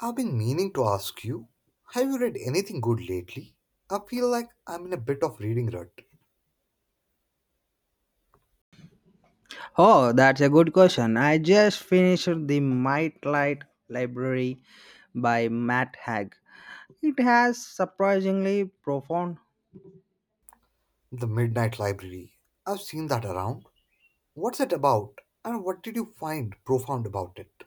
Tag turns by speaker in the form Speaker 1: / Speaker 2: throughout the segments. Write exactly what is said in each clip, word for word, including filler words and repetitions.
Speaker 1: I've been meaning to ask you, have you read anything good lately? I feel like I'm in a bit of reading rut.
Speaker 2: Oh, that's a good question. I just finished The Might Light Library by Matt Haig. It has surprisingly profound.
Speaker 1: The Midnight Library. I've seen that around. What's it about? And what did you find profound about it?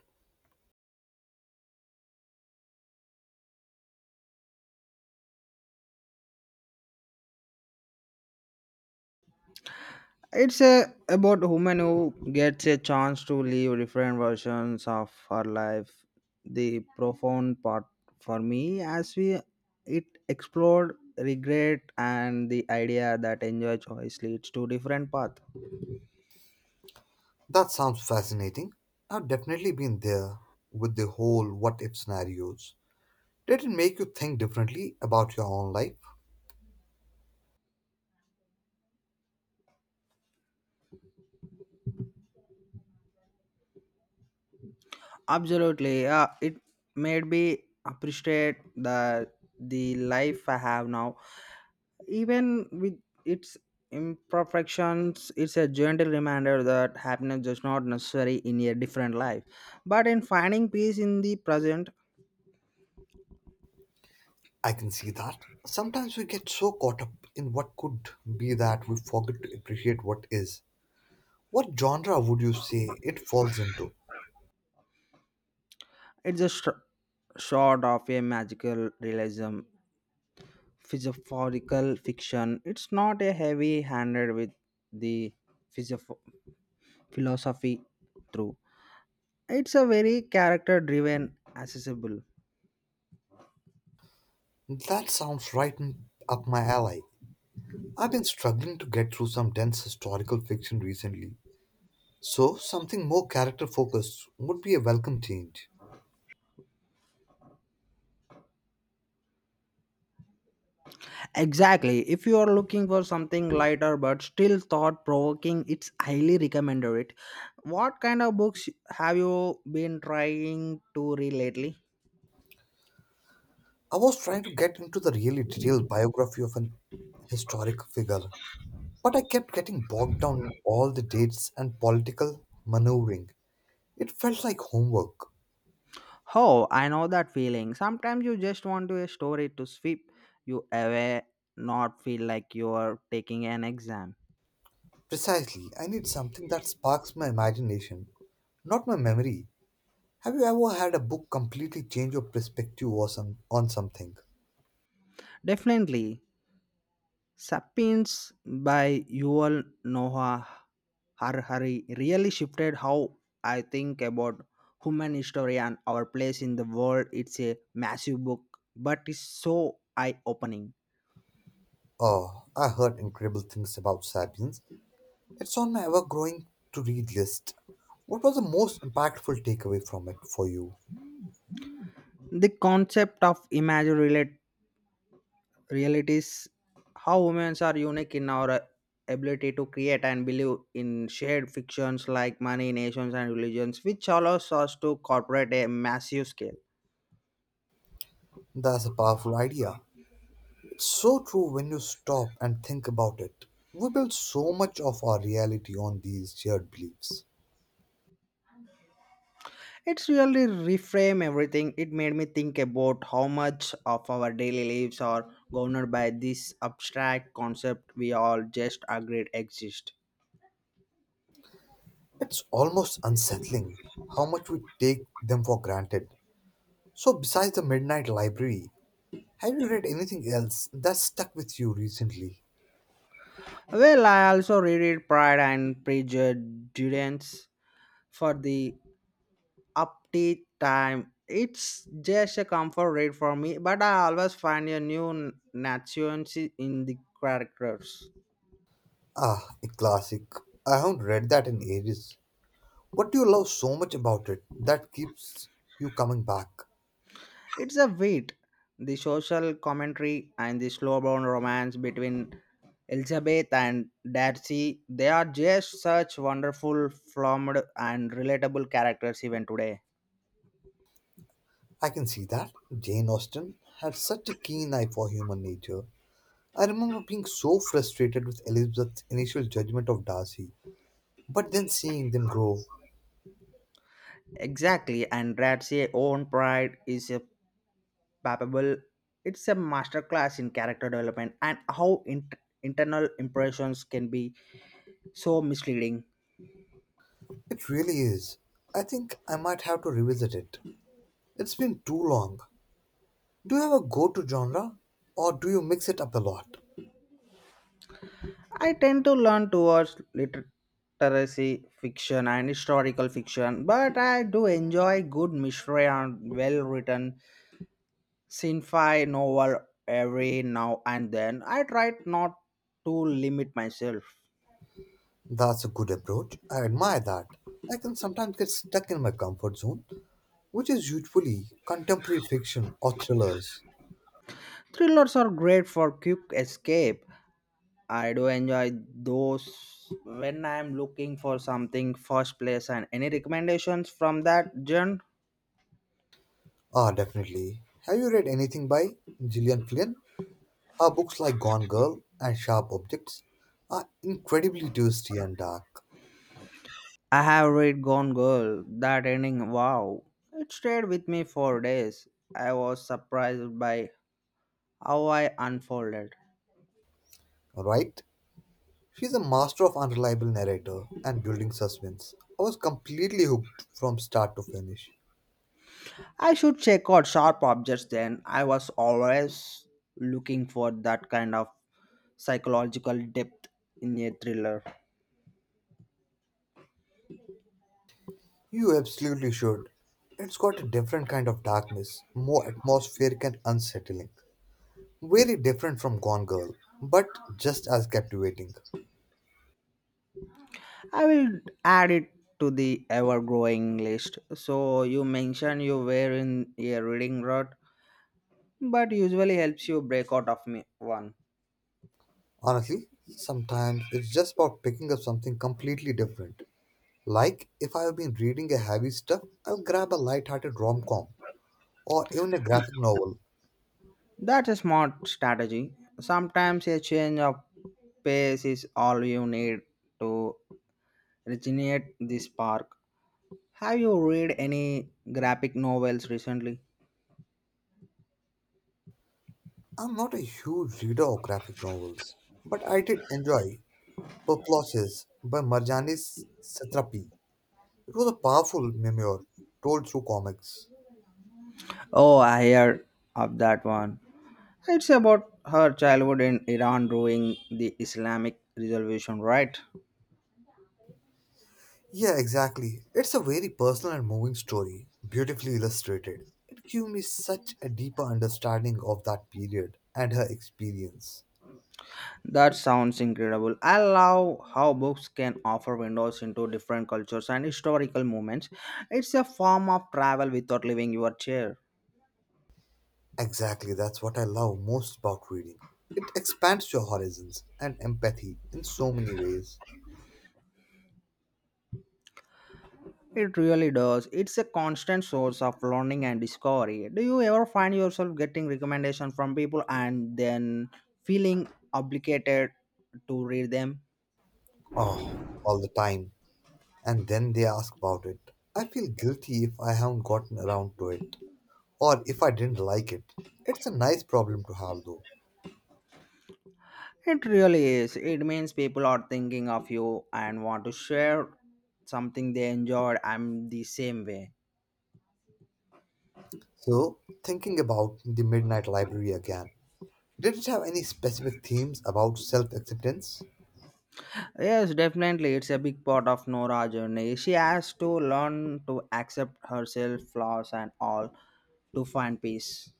Speaker 2: It's a, about a woman who gets a chance to live different versions of her life. The profound part for me as we it explored regret and the idea that enjoy choice leads to different path.
Speaker 1: That sounds fascinating. I've definitely been there with the whole what if scenarios. Did it make you think differently about your own life?
Speaker 2: Absolutely. Yeah, it made me appreciate the the life I have now. Even with its imperfections, it's a gentle reminder that happiness is not necessary in a different life. But in finding peace in the present,
Speaker 1: I can see that. Sometimes we get so caught up in what could be that we forget to appreciate what is. What genre would you say it falls into?
Speaker 2: it's just short of a magical realism, philosophical fiction. It's not a heavy handed with the philosoph- philosophy through. It's a very character driven accessible.
Speaker 1: That sounds right in- up my alley. I've been struggling to get through some dense historical fiction recently, so something more character focused would be a welcome change.
Speaker 2: Exactly. If you are looking for something lighter but still thought provoking, it's highly recommended it. What kind of books have you been trying to read lately?
Speaker 1: I was trying to get into the really detailed biography of an historic figure, but I kept getting bogged down in all the dates and political maneuvering. It felt like homework.
Speaker 2: Oh, I know that feeling. Sometimes you just want to a story to sweep you away, not feel like you are taking an exam.
Speaker 1: Precisely, I need something that sparks my imagination, not my memory. Have you ever had a book completely change your perspective or some, on something?
Speaker 2: Definitely. Sapiens by Yuval Noah Harari really shifted how I think about human history and our place in the world. It's a massive book, but it's so eye-opening.
Speaker 1: Oh, I heard incredible things about Sapiens. It's on my ever growing to read list. What was the most impactful takeaway from it for you?
Speaker 2: The concept of imagined relate- realities, how humans are unique in our uh, ability to create and believe in shared fictions like money, nations, and religions, which allows us to cooperate a massive scale.
Speaker 1: That's a powerful idea. It's so true when you stop and think about it. We build so much of our reality on these shared beliefs.
Speaker 2: It's really reframe everything. It made me think about how much of our daily lives are governed by this abstract concept we all just agreed exist.
Speaker 1: It's almost unsettling how much we take them for granted. So, besides the Midnight Library, have you read anything else that stuck with you recently?
Speaker 2: Well, I also reread Pride and Prejudice for the update time. It's just a comfort read for me, but I always find a new n- nuance in the characters.
Speaker 1: Ah, a classic. I haven't read that in ages. What do you love so much about it that keeps you coming back?
Speaker 2: It's a weight, the social commentary and the slow-burn romance between Elizabeth and Darcy. They are just such wonderful, flummed, and relatable characters even today.
Speaker 1: I can see that. Jane Austen had such a keen eye for human nature. I remember being so frustrated with Elizabeth's initial judgment of Darcy, but then seeing them grow.
Speaker 2: Exactly, and Darcy's own pride is a palpable. It's a masterclass in character development and how int internal impressions can be so misleading.
Speaker 1: It really is. I think I might have to revisit it. It's been too long. Do you have a go to genre? Or do you mix it up a lot?
Speaker 2: I tend to learn towards literacy fiction and historical fiction, but I do enjoy good mystery and well written sci-fi novel every now and then. I try not to limit myself.
Speaker 1: That's a good approach. I admire that. I can sometimes get stuck in my comfort zone which is usually contemporary fiction or thrillers.
Speaker 2: Thrillers are great for quick escape. I do enjoy those when I'm looking for something first place and any recommendations from that genre?
Speaker 1: Ah, definitely. Have you read anything by Gillian Flynn? Her books like Gone Girl and Sharp Objects are incredibly twisty and dark,
Speaker 2: I have read Gone Girl, that ending, wow. It stayed with me for days. I was surprised by how I unfolded.
Speaker 1: right? She's a master of unreliable narrator and building suspense. I was completely hooked from start to finish.
Speaker 2: I should check out sharp objects then. I was always looking for that kind of psychological depth in a thriller.
Speaker 1: You absolutely should. It's got a different kind of darkness, more atmospheric and unsettling. Very different from Gone Girl, but just as captivating.
Speaker 2: I will add it to the ever growing list. So, you mentioned you were in a reading rut, but usually helps you break out of me one.
Speaker 1: Honestly, sometimes it's just about picking up something completely different. Like if I've been reading a heavy stuff, I'll grab a light-hearted rom-com or even a graphic novel.
Speaker 2: That's a smart strategy. Sometimes a change of pace is all you need to regenerate the spark. Have you read any graphic novels recently?
Speaker 1: I'm not a huge reader of graphic novels, but I did enjoy Perplexes by Marjanis Satrapi. It was a powerful memoir told through comics.
Speaker 2: Oh, I heard of that one. It's about her childhood in Iran during the Islamic Revolution, right?
Speaker 1: Yeah, exactly. It's a very personal and moving story, beautifully illustrated. It gave me such a deeper understanding of that period and her experience.
Speaker 2: That sounds incredible. I love how books can offer windows into different cultures and historical moments. It's a form of travel without leaving your chair.
Speaker 1: Exactly, that's what I love most about reading. It expands your horizons and empathy in so many ways.
Speaker 2: It really does. It's a constant source of learning and discovery. Do you ever find yourself getting recommendations from people and then feeling obligated to read them?
Speaker 1: Oh, all the time. And then they ask about it. I feel guilty if I haven't gotten around to it or if I didn't like it. It's a nice problem to have though.
Speaker 2: It really is. It means people are thinking of you and want to share something they enjoyed. I'm the same way.
Speaker 1: So, thinking about the Midnight Library again. Did it have any specific themes about self acceptance?
Speaker 2: Yes, definitely. It's a big part of Nora's journey. She has to learn to accept herself, flaws, and all to find peace.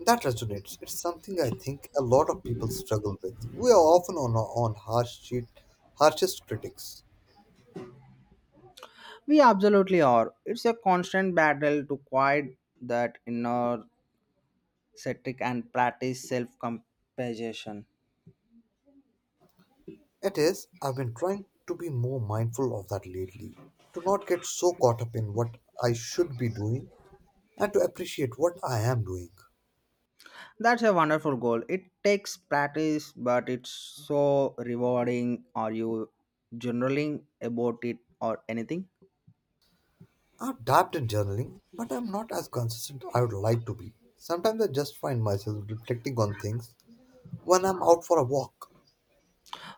Speaker 1: That resonates. It's something I think a lot of people struggle with. We are often on our own harsh sheet, harshest critics.
Speaker 2: We absolutely are. It's a constant battle to quiet that inner static and practice self compassion.
Speaker 1: It is, I've been trying to be more mindful of that lately, to not get so caught up in what I should be doing and to appreciate what I am doing.
Speaker 2: That's a wonderful goal. It takes practice, but it's so rewarding. Are you journaling about it or anything?
Speaker 1: I've dabbed in journaling, but I'm not as consistent I would like to be. Sometimes I just find myself reflecting on things when I'm out for a walk.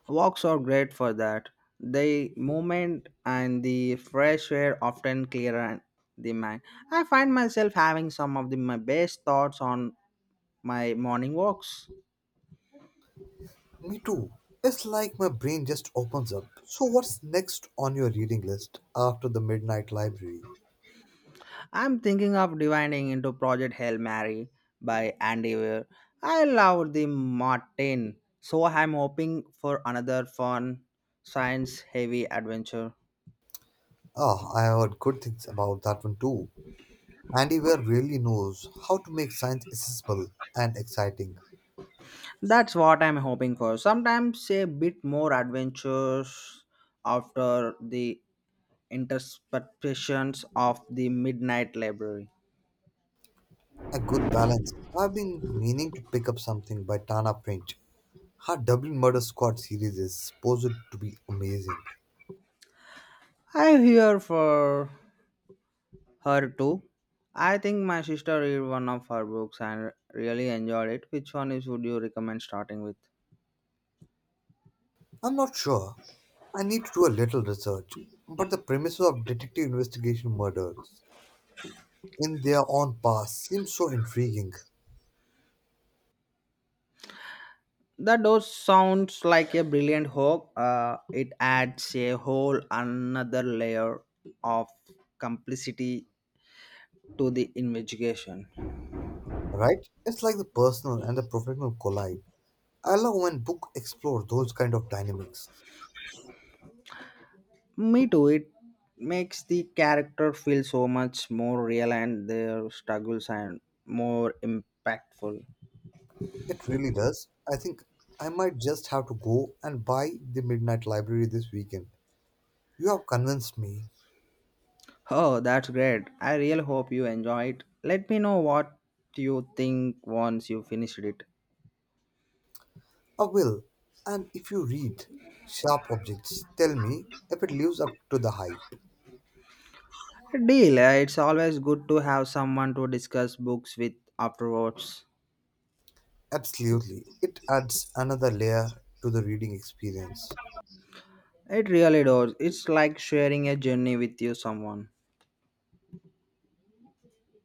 Speaker 2: Walks are great for that. The movement and the fresh air often clear the mind. I find myself having some of the, my best thoughts on my morning walks.
Speaker 1: Me too. It's like my brain just opens up. So, what's next on your reading list after the Midnight Library?
Speaker 2: I'm thinking of dividing into Project Hail Mary by Andy Weir. I love the Martin, so I'm hoping for another fun, science heavy adventure.
Speaker 1: Ah, I heard good things about that one too. Andy Weir really knows how to make science accessible and exciting.
Speaker 2: That's what I'm hoping for. Sometimes a bit more adventures after the interpretations of the Midnight Library.
Speaker 1: A good balance. I've been meaning to pick up something by Tana French. Her Dublin Murder Squad series is supposed to be amazing.
Speaker 2: I hear for Her too. I think my sister read one of her books and really enjoyed it. Which one is would you recommend starting with?
Speaker 1: I'm not sure. I need to do a little research. But the premise of detective investigation murder in their own past seems so intriguing,
Speaker 2: That does sounds like a brilliant hook. Uh, it adds a whole another layer of complicity to the investigation.
Speaker 1: right? It's like the personal and the professional collide. I love when books explore those kind of dynamics.
Speaker 2: Me too. It makes the character feel so much more real and their struggles and more impactful.
Speaker 1: It really does. I think I might just have to go and buy the Midnight Library this weekend. You have convinced me.
Speaker 2: Oh, that's great. I really hope you enjoy it. Let me know what you think once you finished it.
Speaker 1: I will. And if you read Sharp Objects, tell me if it lives up to the hype.
Speaker 2: Deal. uh, It's always good to have someone to discuss books with afterwards.
Speaker 1: Absolutely. It adds another layer to the reading experience.
Speaker 2: It really does. It's like sharing a journey with you someone.